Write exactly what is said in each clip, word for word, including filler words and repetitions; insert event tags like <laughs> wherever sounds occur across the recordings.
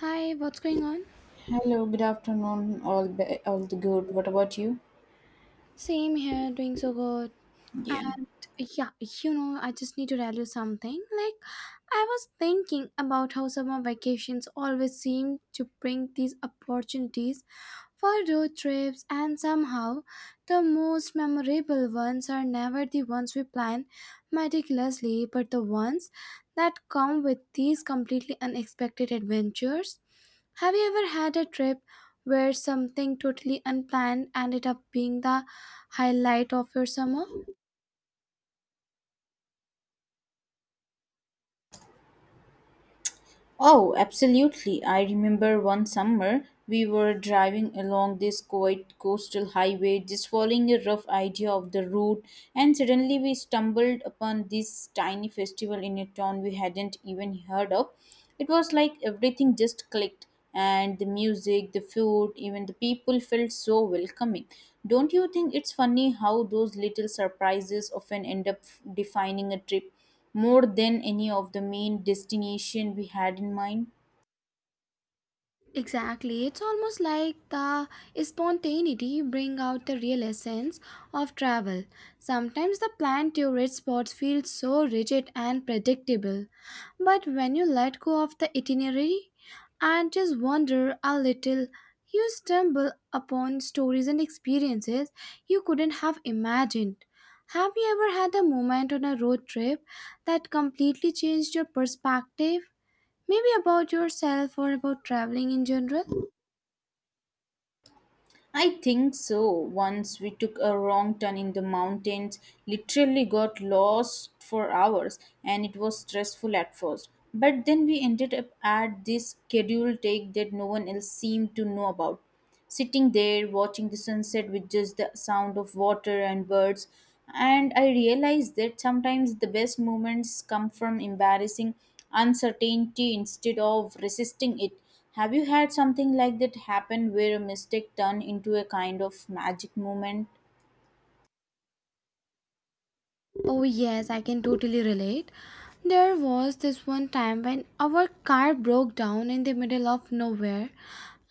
Hi, what's going on? Hello, good afternoon. All be, all the good. What about you? Same here, doing so good. Yeah. And yeah, you know, I just need to tell you something. Like, I was thinking about how summer vacations always seem to bring these opportunities for road trips, and somehow the most memorable ones are never the ones we plan meticulously, but the ones that come with these completely unexpected adventures. Have you ever had a trip where something totally unplanned ended up being the highlight of your summer? Oh, absolutely. I remember one summer we were driving along this quiet coastal highway, just following a rough idea of the route, and suddenly we stumbled upon this tiny festival in a town we hadn't even heard of. It was like everything just clicked, and the music, the food, even the people felt so welcoming. Don't you think it's funny how those little surprises often end up defining a trip, more than any of the main destination we had in mind? Exactly. It's almost like the spontaneity bring out the real essence of travel. Sometimes the plan tourist spots feel so rigid and predictable, but when you let go of the itinerary and just wander a little, you stumble upon stories and experiences you couldn't have imagined. Have you ever had a moment on a road trip that completely changed your perspective? Maybe about yourself or about traveling in general? I think so. Once we took a wrong turn in the mountains, literally got lost for hours, and it was stressful at first. But then we ended up at this scheduled take that no one else seemed to know about. Sitting there, watching the sunset with just the sound of water and birds, and I realized that sometimes the best moments come from embarrassing uncertainty instead of resisting it. Have you had something like that happen where a mistake turned into a kind of magic moment? Oh, yes, I can totally relate. There was this one time when our car broke down in the middle of nowhere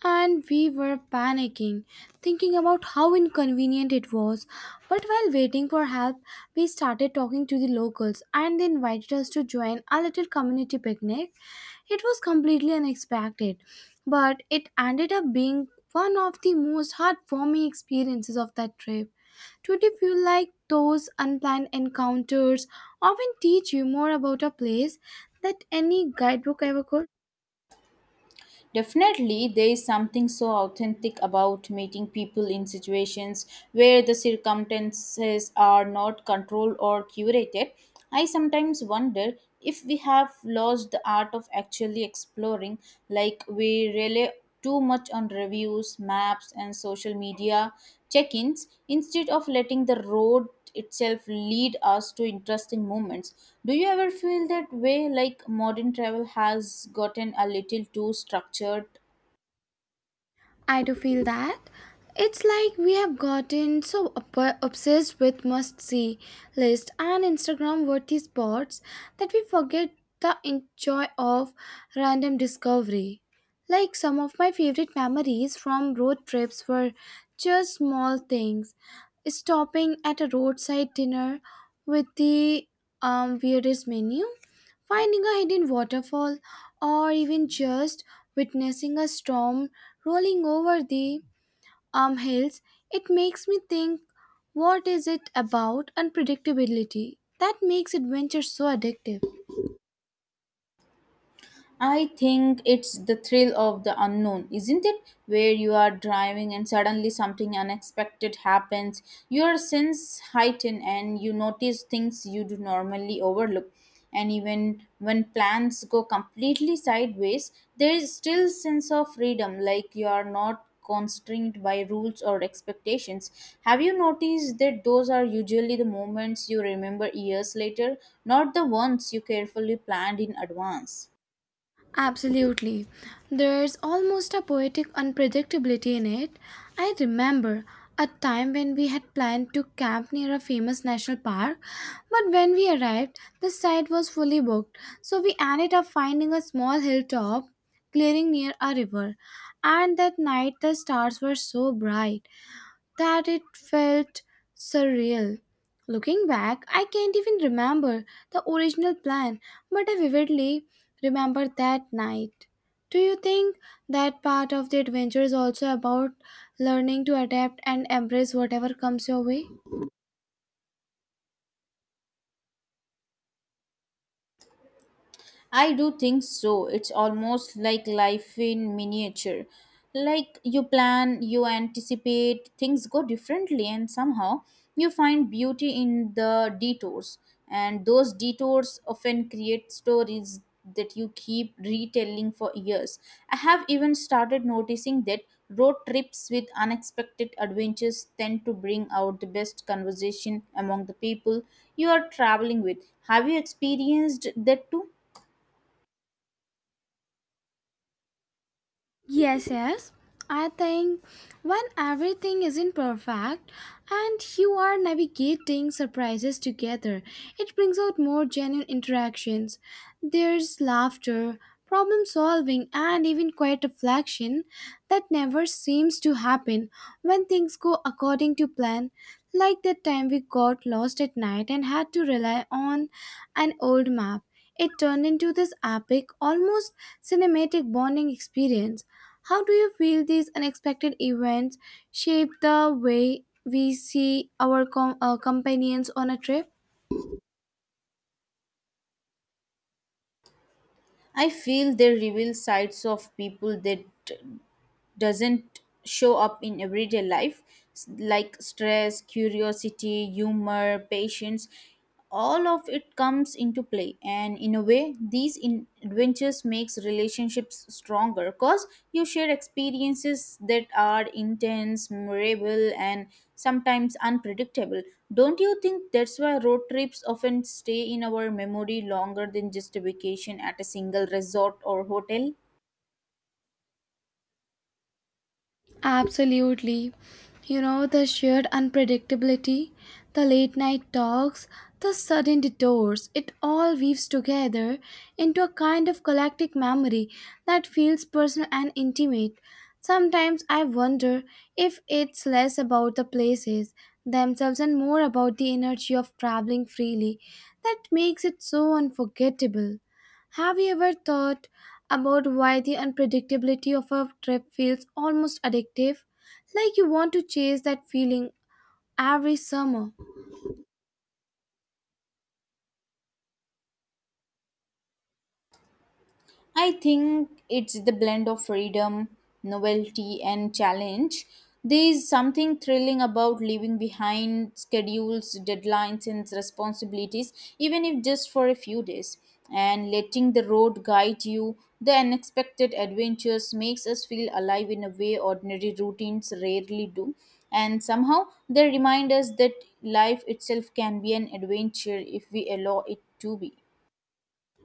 and we were panicking, thinking about how inconvenient it was. But while waiting for help, we started talking to the locals and they invited us to join a little community picnic. It was completely unexpected, but it ended up being one of the most heartwarming experiences of that trip. Today, feel like those unplanned encounters often teach you more about a place that any guidebook ever could. Definitely, there is something so authentic about meeting people in situations where the circumstances are not controlled or curated. I sometimes wonder if we have lost the art of actually exploring, like we rely too much on reviews, maps, and social media check ins instead of letting the road itself lead us to interesting moments. Do you ever feel that way, like modern travel has gotten a little too structured? I do feel that. It's like we have gotten so ob- obsessed with must see list and Instagram worthy spots that we forget the enjoy of random discovery. Like some of my favorite memories from road trips were just small things. Stopping at a roadside dinner with the um, weirdest menu, finding a hidden waterfall, or even just witnessing a storm rolling over the um Hills, it makes me think what is it about unpredictability that makes adventure so addictive? I think it's the thrill of the unknown, isn't it? Where you are driving and suddenly something unexpected happens. Your sense heighten and you notice things you do normally overlook. And even when plans go completely sideways, there is still sense of freedom, like you are not constrained by rules or expectations. Have you noticed that those are usually the moments you remember years later, not the ones you carefully planned in advance? Absolutely. There's almost a poetic unpredictability in it. I remember a time when we had planned to camp near a famous national park, but when we arrived, the site was fully booked, so we ended up finding a small hilltop clearing near a river. And that night, the stars were so bright that it felt surreal. Looking back, I can't even remember the original plan, but I vividly remember that night. Do you think that part of the adventure is also about learning to adapt and embrace whatever comes your way? I do think so. It's almost like life in miniature. Like you plan, you anticipate, things go differently, and somehow you find beauty in the detours. And those detours often create stories that you keep retelling for years. I have even started noticing that road trips with unexpected adventures tend to bring out the best conversation among the people you are traveling with. Have you experienced that too? Yes, yes. I think when everything isn't perfect and you are navigating surprises together, it brings out more genuine interactions. There's laughter, problem solving, and even quiet reflection that never seems to happen when things go according to plan. Like that time we got lost at night and had to rely on an old map. It turned into this epic, almost cinematic bonding experience. How do you feel these unexpected events shape the way we see our com- uh, companions on a trip? I feel they reveal sides of people that doesn't show up in everyday life. S- like stress, curiosity, humor, patience, all of it comes into play, and in a way these in- adventures makes relationships stronger, cause you share experiences that are intense, memorable, and sometimes unpredictable. Don't you think that's why road trips often stay in our memory longer than just a vacation at a single resort or hotel? Absolutely. You know, the sheer unpredictability, the late night talks, the sudden detours, it all weaves together into a kind of collective memory that feels personal and intimate. Sometimes I wonder if it's less about the places themselves and more about the energy of traveling freely that makes it so unforgettable. Have you ever thought about why the unpredictability of a trip feels almost addictive, like you want to chase that feeling every summer. I think it's the blend of freedom, novelty, and challenge. There is something thrilling about leaving behind schedules, deadlines, and responsibilities, even if just for a few days. And letting the road guide you, the unexpected adventures makes us feel alive in a way ordinary routines rarely do. And somehow they remind us that life itself can be an adventure if we allow it to be.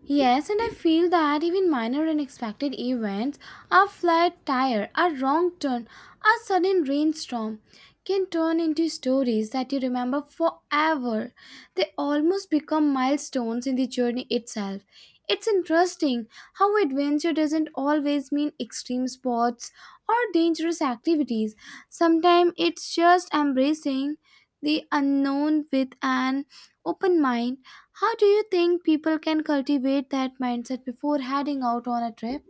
Yes, and I feel that even minor unexpected events, a flat tire, a wrong turn, a sudden rainstorm, can turn into stories that you remember forever. They almost become milestones in the journey itself. It's interesting how adventure doesn't always mean extreme sports or dangerous activities. Sometimes it's just embracing the unknown with an open mind. How do you think people can cultivate that mindset before heading out on a trip?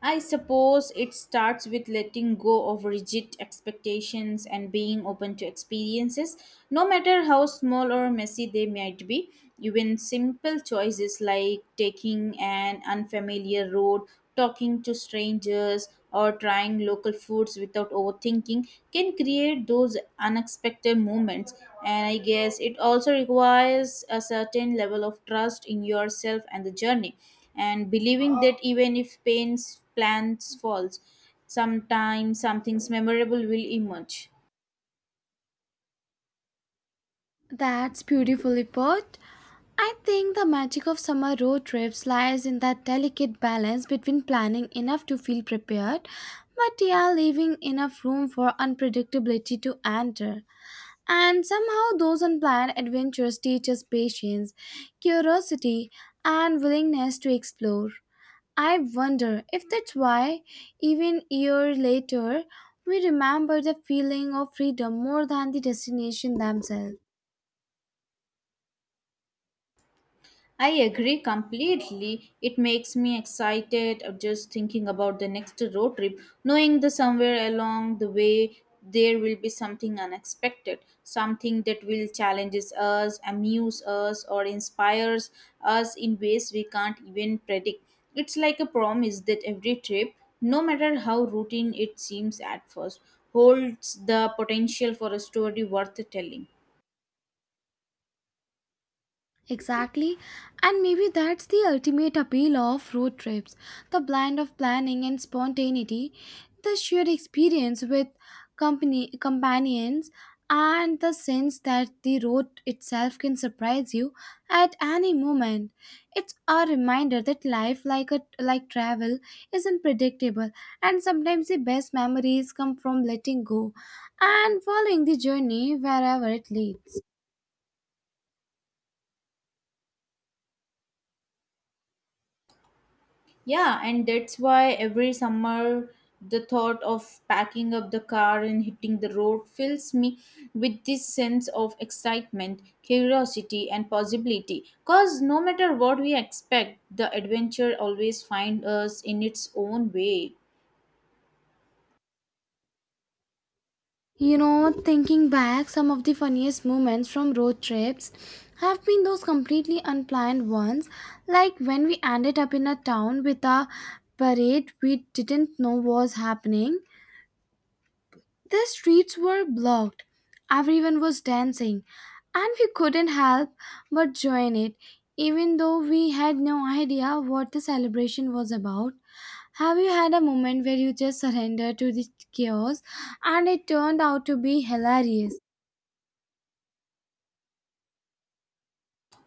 I suppose it starts with letting go of rigid expectations and being open to experiences, no matter how small or messy they might be. Even simple choices like taking an unfamiliar road, talking to strangers, or trying local foods without overthinking can create those unexpected moments. And I guess it also requires a certain level of trust in yourself and the journey, and believing that even if pain's plans falls, sometimes something's memorable will emerge. That's beautifully put. I think the magic of summer road trips lies in that delicate balance between planning enough to feel prepared, but yeah, leaving enough room for unpredictability to enter. And somehow, those unplanned adventures teach us patience, curiosity, and willingness to explore. I wonder if that's why, even years later, we remember the feeling of freedom more than the destination themselves. I agree completely. It makes me excited of just thinking about the next road trip, knowing that somewhere along the way there will be something unexpected, something that will challenges us, amuse us, or inspires us in ways we can't even predict. It's like a promise that every trip, no matter how routine it seems at first, holds the potential for a story worth telling. Exactly, and maybe that's the ultimate appeal of road trips, the blend of planning and spontaneity, the shared experience with company companions, and the sense that the road itself can surprise you at any moment. It's a reminder that life, like a like travel, is unpredictable, and sometimes the best memories come from letting go and following the journey wherever it leads. Yeah, and that's why every summer the thought of packing up the car and hitting the road fills me with this sense of excitement, curiosity, and possibility. Because no matter what we expect, the adventure always finds us in its own way. You know, thinking back, some of the funniest moments from road trips have been those completely unplanned ones, like when we ended up in a town with a parade we didn't know was happening. The streets were blocked, everyone was dancing, and we couldn't help but join it, even though we had no idea what the celebration was about. Have you had a moment where you just surrendered to the chaos and it turned out to be hilarious?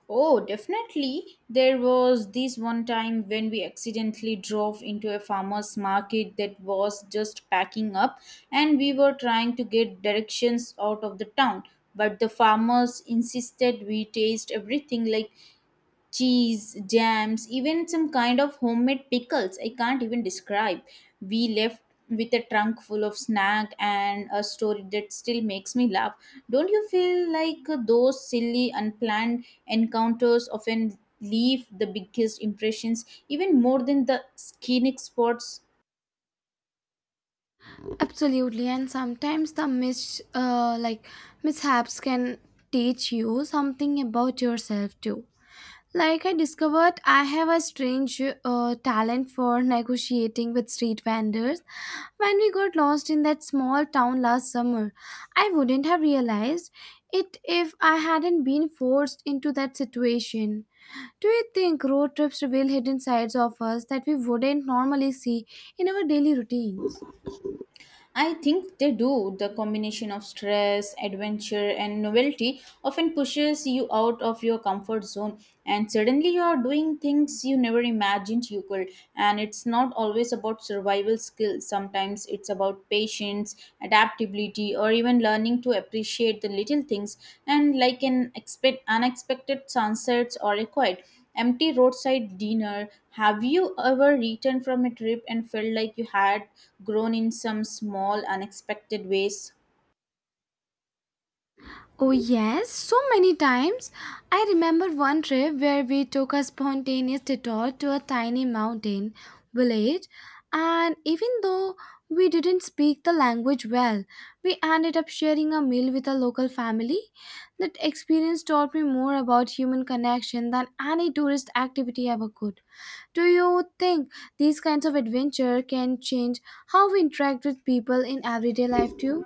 Oh, definitely. There was this one time when we accidentally drove into a farmer's market that was just packing up, and we were trying to get directions out of the town. But the farmers insisted we taste everything, like cheese, jams, even some kind of homemade pickles. I can't even describe. We left with a trunk full of snack and a story that still makes me laugh. Don't you feel like those silly, unplanned encounters often leave the biggest impressions, even more than the scenic spots? Absolutely, and sometimes the mis uh, like mishaps can teach you something about yourself too. Like I discovered, I have a strange uh, talent for negotiating with street vendors. When we got lost in that small town last summer, I wouldn't have realized it if I hadn't been forced into that situation. Do you think road trips reveal hidden sides of us that we wouldn't normally see in our daily routines? I think they do. The combination of stress, adventure, and novelty often pushes you out of your comfort zone, and suddenly you are doing things you never imagined you could. And it's not always about survival skills, sometimes it's about patience, adaptability, or even learning to appreciate the little things, and like an expect unexpected sunsets or a quiet empty roadside dinner. Have you ever returned from a trip and felt like you had grown in some small, unexpected ways? Oh, yes, so many times. I remember one trip where we took a spontaneous detour to a tiny mountain village, and even though we didn't speak the language well, we ended up sharing a meal with a local family. That experience taught me more about human connection than any tourist activity ever could. Do you think these kinds of adventure can change how we interact with people in everyday life too?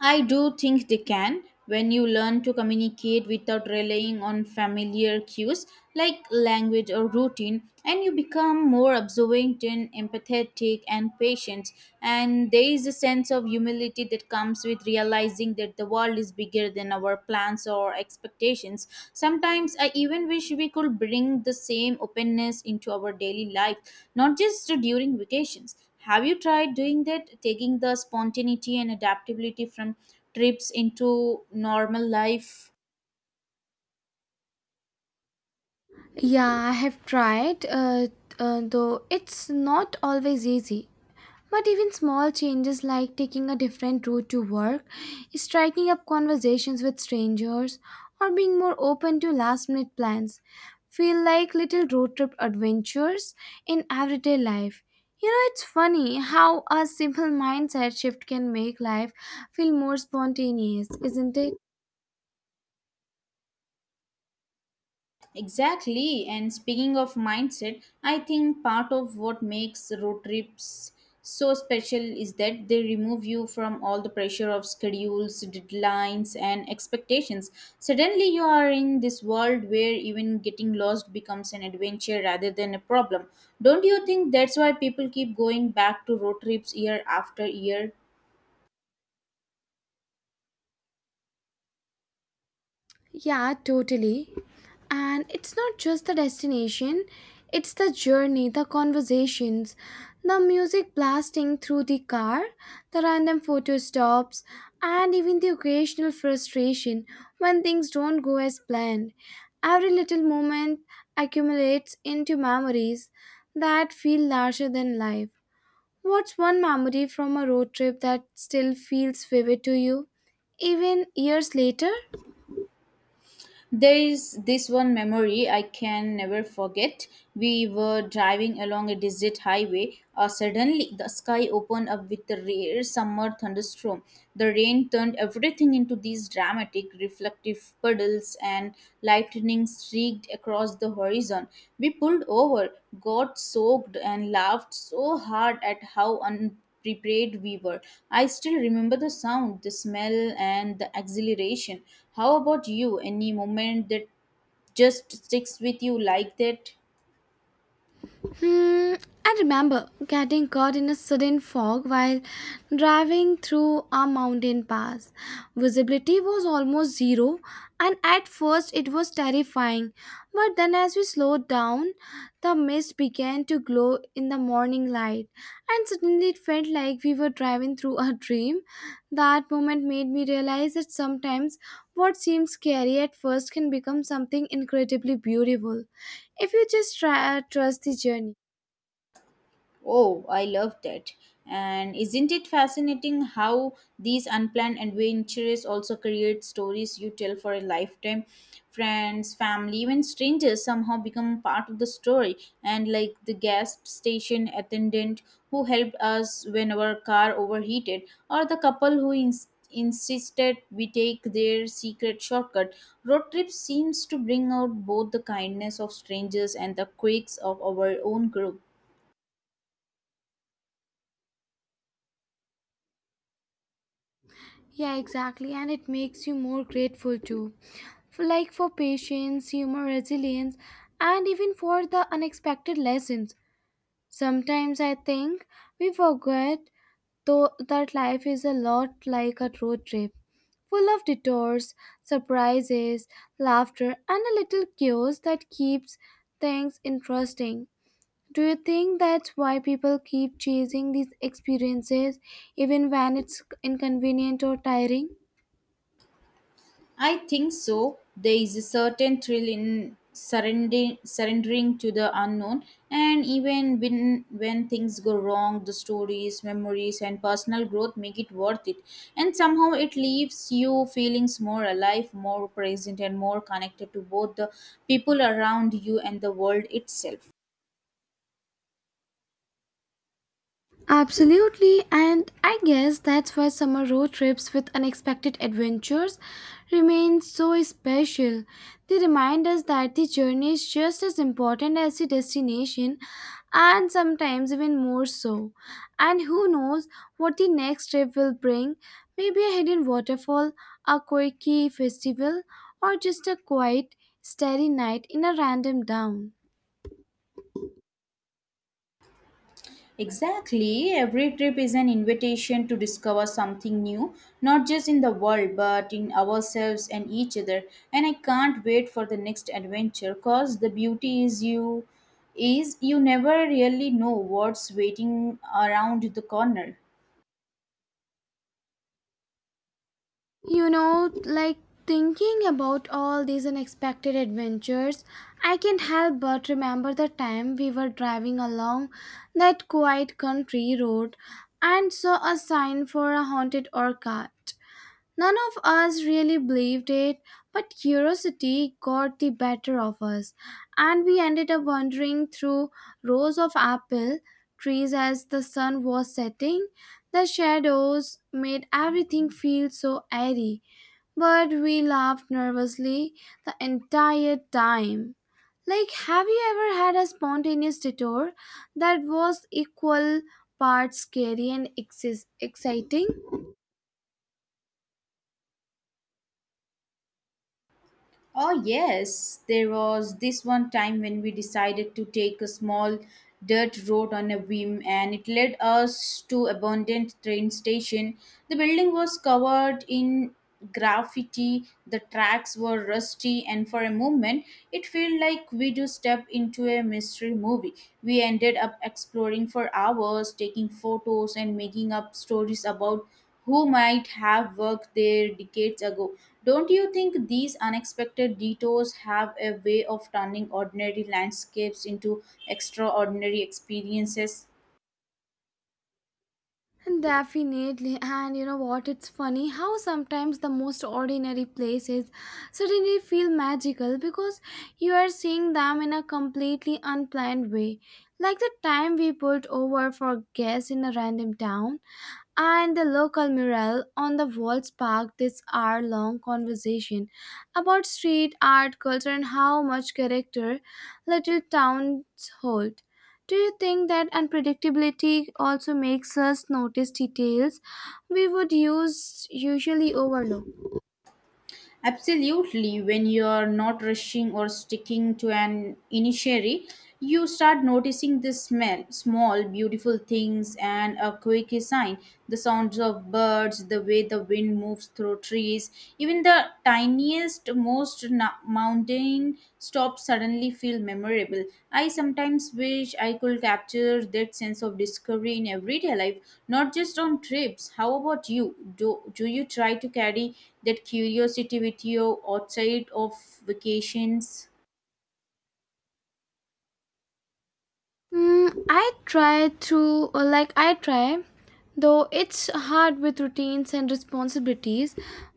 I do think they can. When you learn to communicate without relying on familiar cues like language or routine, and you become more observant and empathetic and patient, and there is a sense of humility that comes with realizing that the world is bigger than our plans or expectations. Sometimes I even wish we could bring the same openness into our daily life, not just during vacations. Have you tried doing that, taking the spontaneity and adaptability from trips into normal life? Yeah, I have tried, uh, uh, though it's not always easy. But even small changes like taking a different route to work, striking up conversations with strangers, or being more open to last minute plans feel like little road trip adventures in everyday life. You know, it's funny how a simple mindset shift can make life feel more spontaneous, isn't it? Exactly. And speaking of mindset, I think part of what makes road trips so special is that they remove you from all the pressure of schedules, deadlines, and expectations. Suddenly, you are in this world where even getting lost becomes an adventure rather than a problem. Don't you think that's why people keep going back to road trips year after year? Yeah, totally. And it's not just the destination, it's the journey, the conversations, the music blasting through the car, the random photo stops, and even the occasional frustration when things don't go as planned. Every little moment accumulates into memories that feel larger than life. What's one memory from a road trip that still feels vivid to you, even years later? There is this one memory I can never forget. We were driving along a desert highway. Uh, suddenly, the sky opened up with a rare summer thunderstorm. The rain turned everything into these dramatic, reflective puddles, and lightning streaked across the horizon. We pulled over, got soaked, and laughed so hard at how un prepared we were. I still remember the sound, the smell, and the exhilaration. How about you? Any moment that just sticks with you like that? Hmm, I remember getting caught in a sudden fog while driving through a mountain pass. Visibility was almost zero, and at first it was terrifying. But then, as we slowed down, the mist began to glow in the morning light, and suddenly it felt like we were driving through a dream. That moment made me realize that sometimes what seems scary at first can become something incredibly beautiful if you just try, uh, trust the journey. Oh, I love that. And isn't it fascinating how these unplanned adventures also create stories you tell for a lifetime? Friends, family, even strangers somehow become part of the story. And like the gas station attendant who helped us when our car overheated, or the couple who ins- insisted we take their secret shortcut, road trip seems to bring out both the kindness of strangers and the quirks of our own group. Yeah, exactly. And it makes you more grateful too. For, like for patience, humor, resilience, and even for the unexpected lessons. Sometimes I think we forget though that life is a lot like a road trip, full of detours, surprises, laughter, and a little chaos that keeps things interesting. Do you think that's why people keep chasing these experiences even when it's inconvenient or tiring? I think so. There is a certain thrill in surrendering, surrendering to the unknown, and even when when things go wrong, the stories, memories, and personal growth make it worth it. And somehow it leaves you feelings more alive, more present, and more connected to both the people around you and the world itself. Absolutely, and I guess that's why summer road trips with unexpected adventures remain so special. They remind us that the journey is just as important as the destination, and sometimes even more so. And who knows what the next trip will bring? Maybe a hidden waterfall, a quirky festival, or just a quiet, starry night in a random town. Exactly. Every trip is an invitation to discover something new, not just in the world, but in ourselves and each other. And I can't wait for the next adventure, because the beauty is you is you never really know what's waiting around the corner. You know, like thinking about all these unexpected adventures, I can't help but remember the time we were driving along that quiet country road and saw a sign for a haunted orchard. None of us really believed it, but curiosity got the better of us, and we ended up wandering through rows of apple trees as the sun was setting. The shadows made everything feel so airy but we laughed nervously the entire time. Like, have you ever had a spontaneous detour that was equal parts scary and exis- exciting? Oh, yes, there was this one time when we decided to take a small dirt road on a whim, and it led us to abandoned train station. The building was covered in graffiti, the tracks were rusty, and for a moment it felt like we do step into a mystery movie. We ended up exploring for hours, taking photos and making up stories about who might have worked there decades ago. Don't you think these unexpected detours have a way of turning ordinary landscapes into extraordinary experiences? And definitely, and you know what? It's funny how sometimes the most ordinary places suddenly feel magical because you are seeing them in a completely unplanned way. Like the time we pulled over for gas in a random town and the local mural on the wall sparked this hour long conversation about street art, culture, and how much character little towns hold. Do you think that unpredictability also makes us notice details we would use usually overlook? Absolutely, when you're not rushing or sticking to an initiary, you start noticing the smell, small, beautiful things, and a quick sign, the sounds of birds, the way the wind moves through trees, even the tiniest, most na- mountain stops suddenly feel memorable. I sometimes wish I could capture that sense of discovery in everyday life, not just on trips. How about you? Do, do you try to carry that curiosity with you outside of vacations? Mm, I try through, like, I try, though it's hard with routines and responsibilities.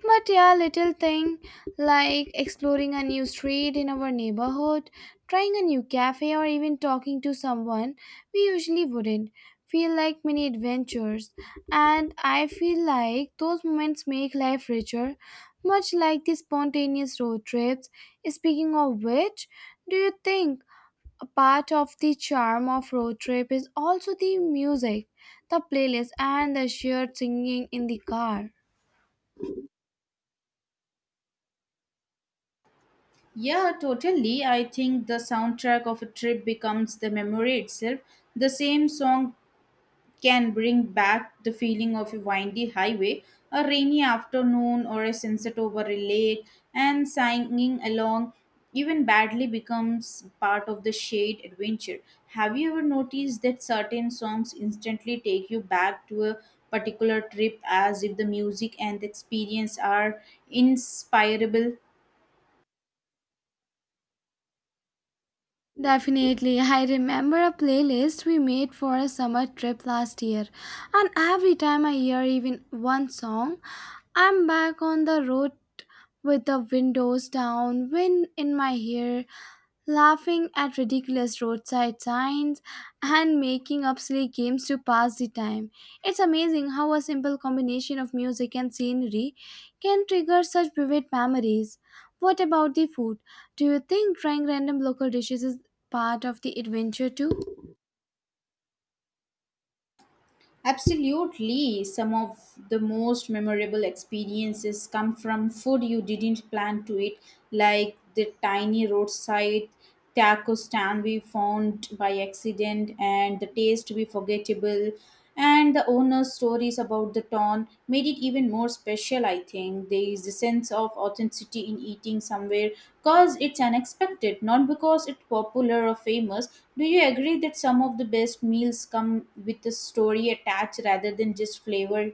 But yeah, little thing like exploring a new street in our neighborhood, trying a new cafe, or even talking to someone we usually wouldn't feel like mini adventures. And I feel like those moments make life richer, much like the spontaneous road trips. Speaking of which, do you think? A part of the charm of road trip is also the music, the playlist, and the shared singing in the car. Yeah, totally. I think the soundtrack of a trip becomes the memory itself. The same song can bring back the feeling of a windy highway, a rainy afternoon, or a sunset over a lake, and singing along, even badly, becomes part of the shade adventure. Have you ever noticed that certain songs instantly take you back to a particular trip, as if the music and the experience are inspirable? Definitely, I remember a playlist we made for a summer trip last year, and every time I hear even one song, I'm back on the road with the windows down, wind in my hair, laughing at ridiculous roadside signs, and making up silly games to pass the time. It's amazing how a simple combination of music and scenery can trigger such vivid memories. What about the food? Do you think trying random local dishes is part of the adventure too? Absolutely. Some of the most memorable experiences come from food you didn't plan to eat, like the tiny roadside taco stand we found by accident, and the taste we forgettable, and the owner's stories about the town made it even more special, I think. There is a sense of authenticity in eating somewhere because it's unexpected, not because it's popular or famous. Do you agree that some of the best meals come with a story attached rather than just flavor?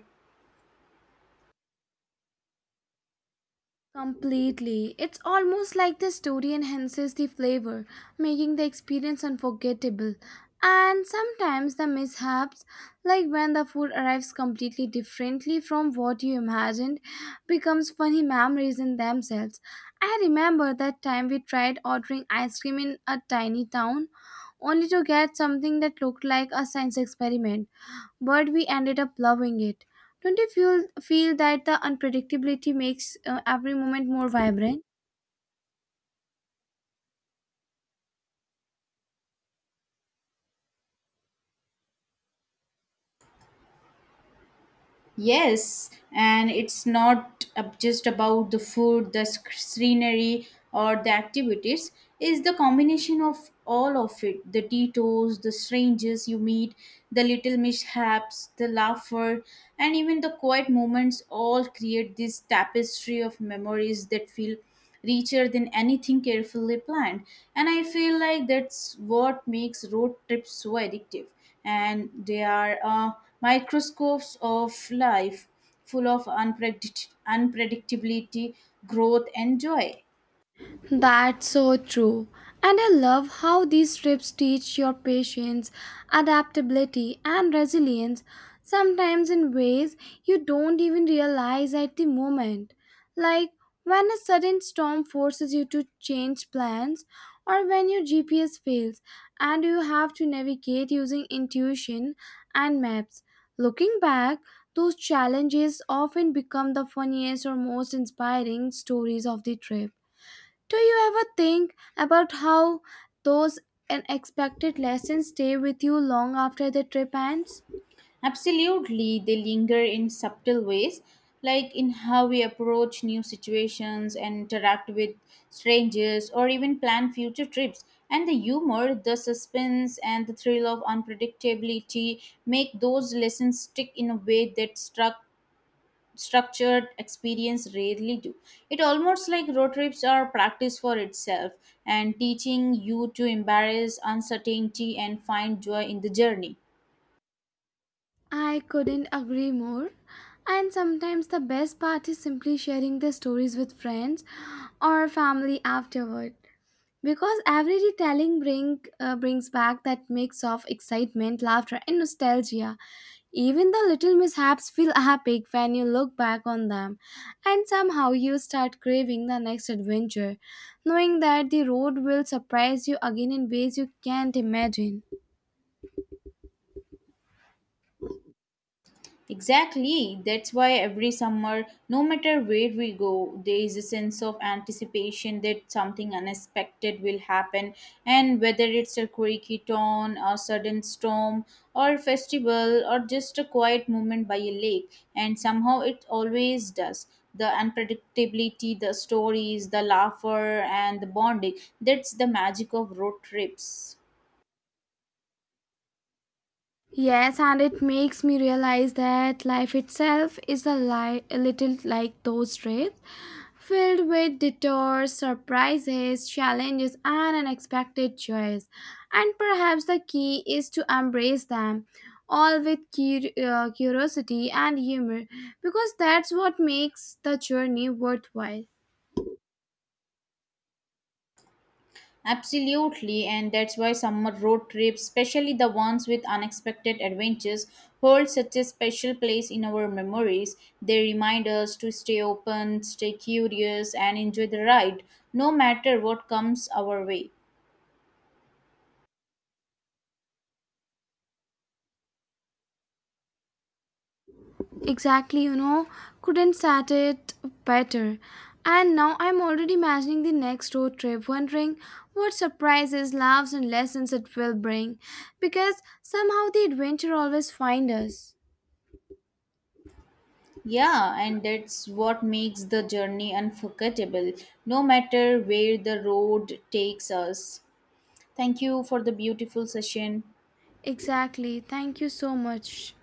Completely. It's almost like the story enhances the flavor, making the experience unforgettable. And sometimes the mishaps, like when the food arrives completely differently from what you imagined, becomes funny memories in themselves. I remember that time we tried ordering ice cream in a tiny town only to get something that looked like a science experiment but we ended up loving it. Don't you feel feel that the unpredictability makes uh, every moment more vibrant? Yes, and it's not ab- just about the food, the sc- scenery, or the activities. It's the combination of all of it, the detours, the strangers you meet, the little mishaps, the laughter, and even the quiet moments, all create this tapestry of memories that feel richer than anything carefully planned. And I feel like that's what makes road trips so addictive. And they are uh, microscopes of life, full of unpredict- unpredictability, growth, and joy. That's so true. And I love how these trips teach your patience, adaptability, and resilience, sometimes in ways you don't even realize at the moment. Like when a sudden storm forces you to change plans, or when your G P S fails and you have to navigate using intuition and maps. Looking back, those challenges often become the funniest or most inspiring stories of the trip. Do you ever think about how those unexpected lessons stay with you long after the trip ends? Absolutely, they linger in subtle ways, like in how we approach new situations and interact with strangers or even plan future trips. And the humor, the suspense, and the thrill of unpredictability make those lessons stick in a way that struck structured experience rarely do. It almost like road trips are practice for itself, and teaching you to embrace uncertainty and find joy in the journey. I couldn't agree more. And sometimes the best part is simply sharing the stories with friends or family afterward. Because every retelling bring, uh, brings back that mix of excitement, laughter, and nostalgia. Even the little mishaps feel <laughs> epic when you look back on them, and somehow you start craving the next adventure, knowing that the road will surprise you again in ways you can't imagine. Exactly. That's why every summer, no matter where we go, there is a sense of anticipation that something unexpected will happen. And whether it's a quirky quicketon, a sudden storm, or a festival, or just a quiet moment by a lake, and somehow it always does. The unpredictability, the stories, the laughter, and the bonding. That's the magic of road trips. Yes, and it makes me realize that life itself is a, li- a little like those trips, filled with detours, surprises, challenges, and unexpected joys. And perhaps the key is to embrace them, all with cur- uh, curiosity and humor, because that's what makes the journey worthwhile. Absolutely, and that's why summer road trips, especially the ones with unexpected adventures, hold such a special place in our memories. They remind us to stay open, stay curious, and enjoy the ride, no matter what comes our way. Exactly, you know, couldn't sat it better. And now I'm already imagining the next road trip, wondering what surprises, laughs, and lessons it will bring. Because somehow the adventure always finds us. Yeah, and that's what makes the journey unforgettable, no matter where the road takes us. Thank you for the beautiful session. Exactly. Thank you so much.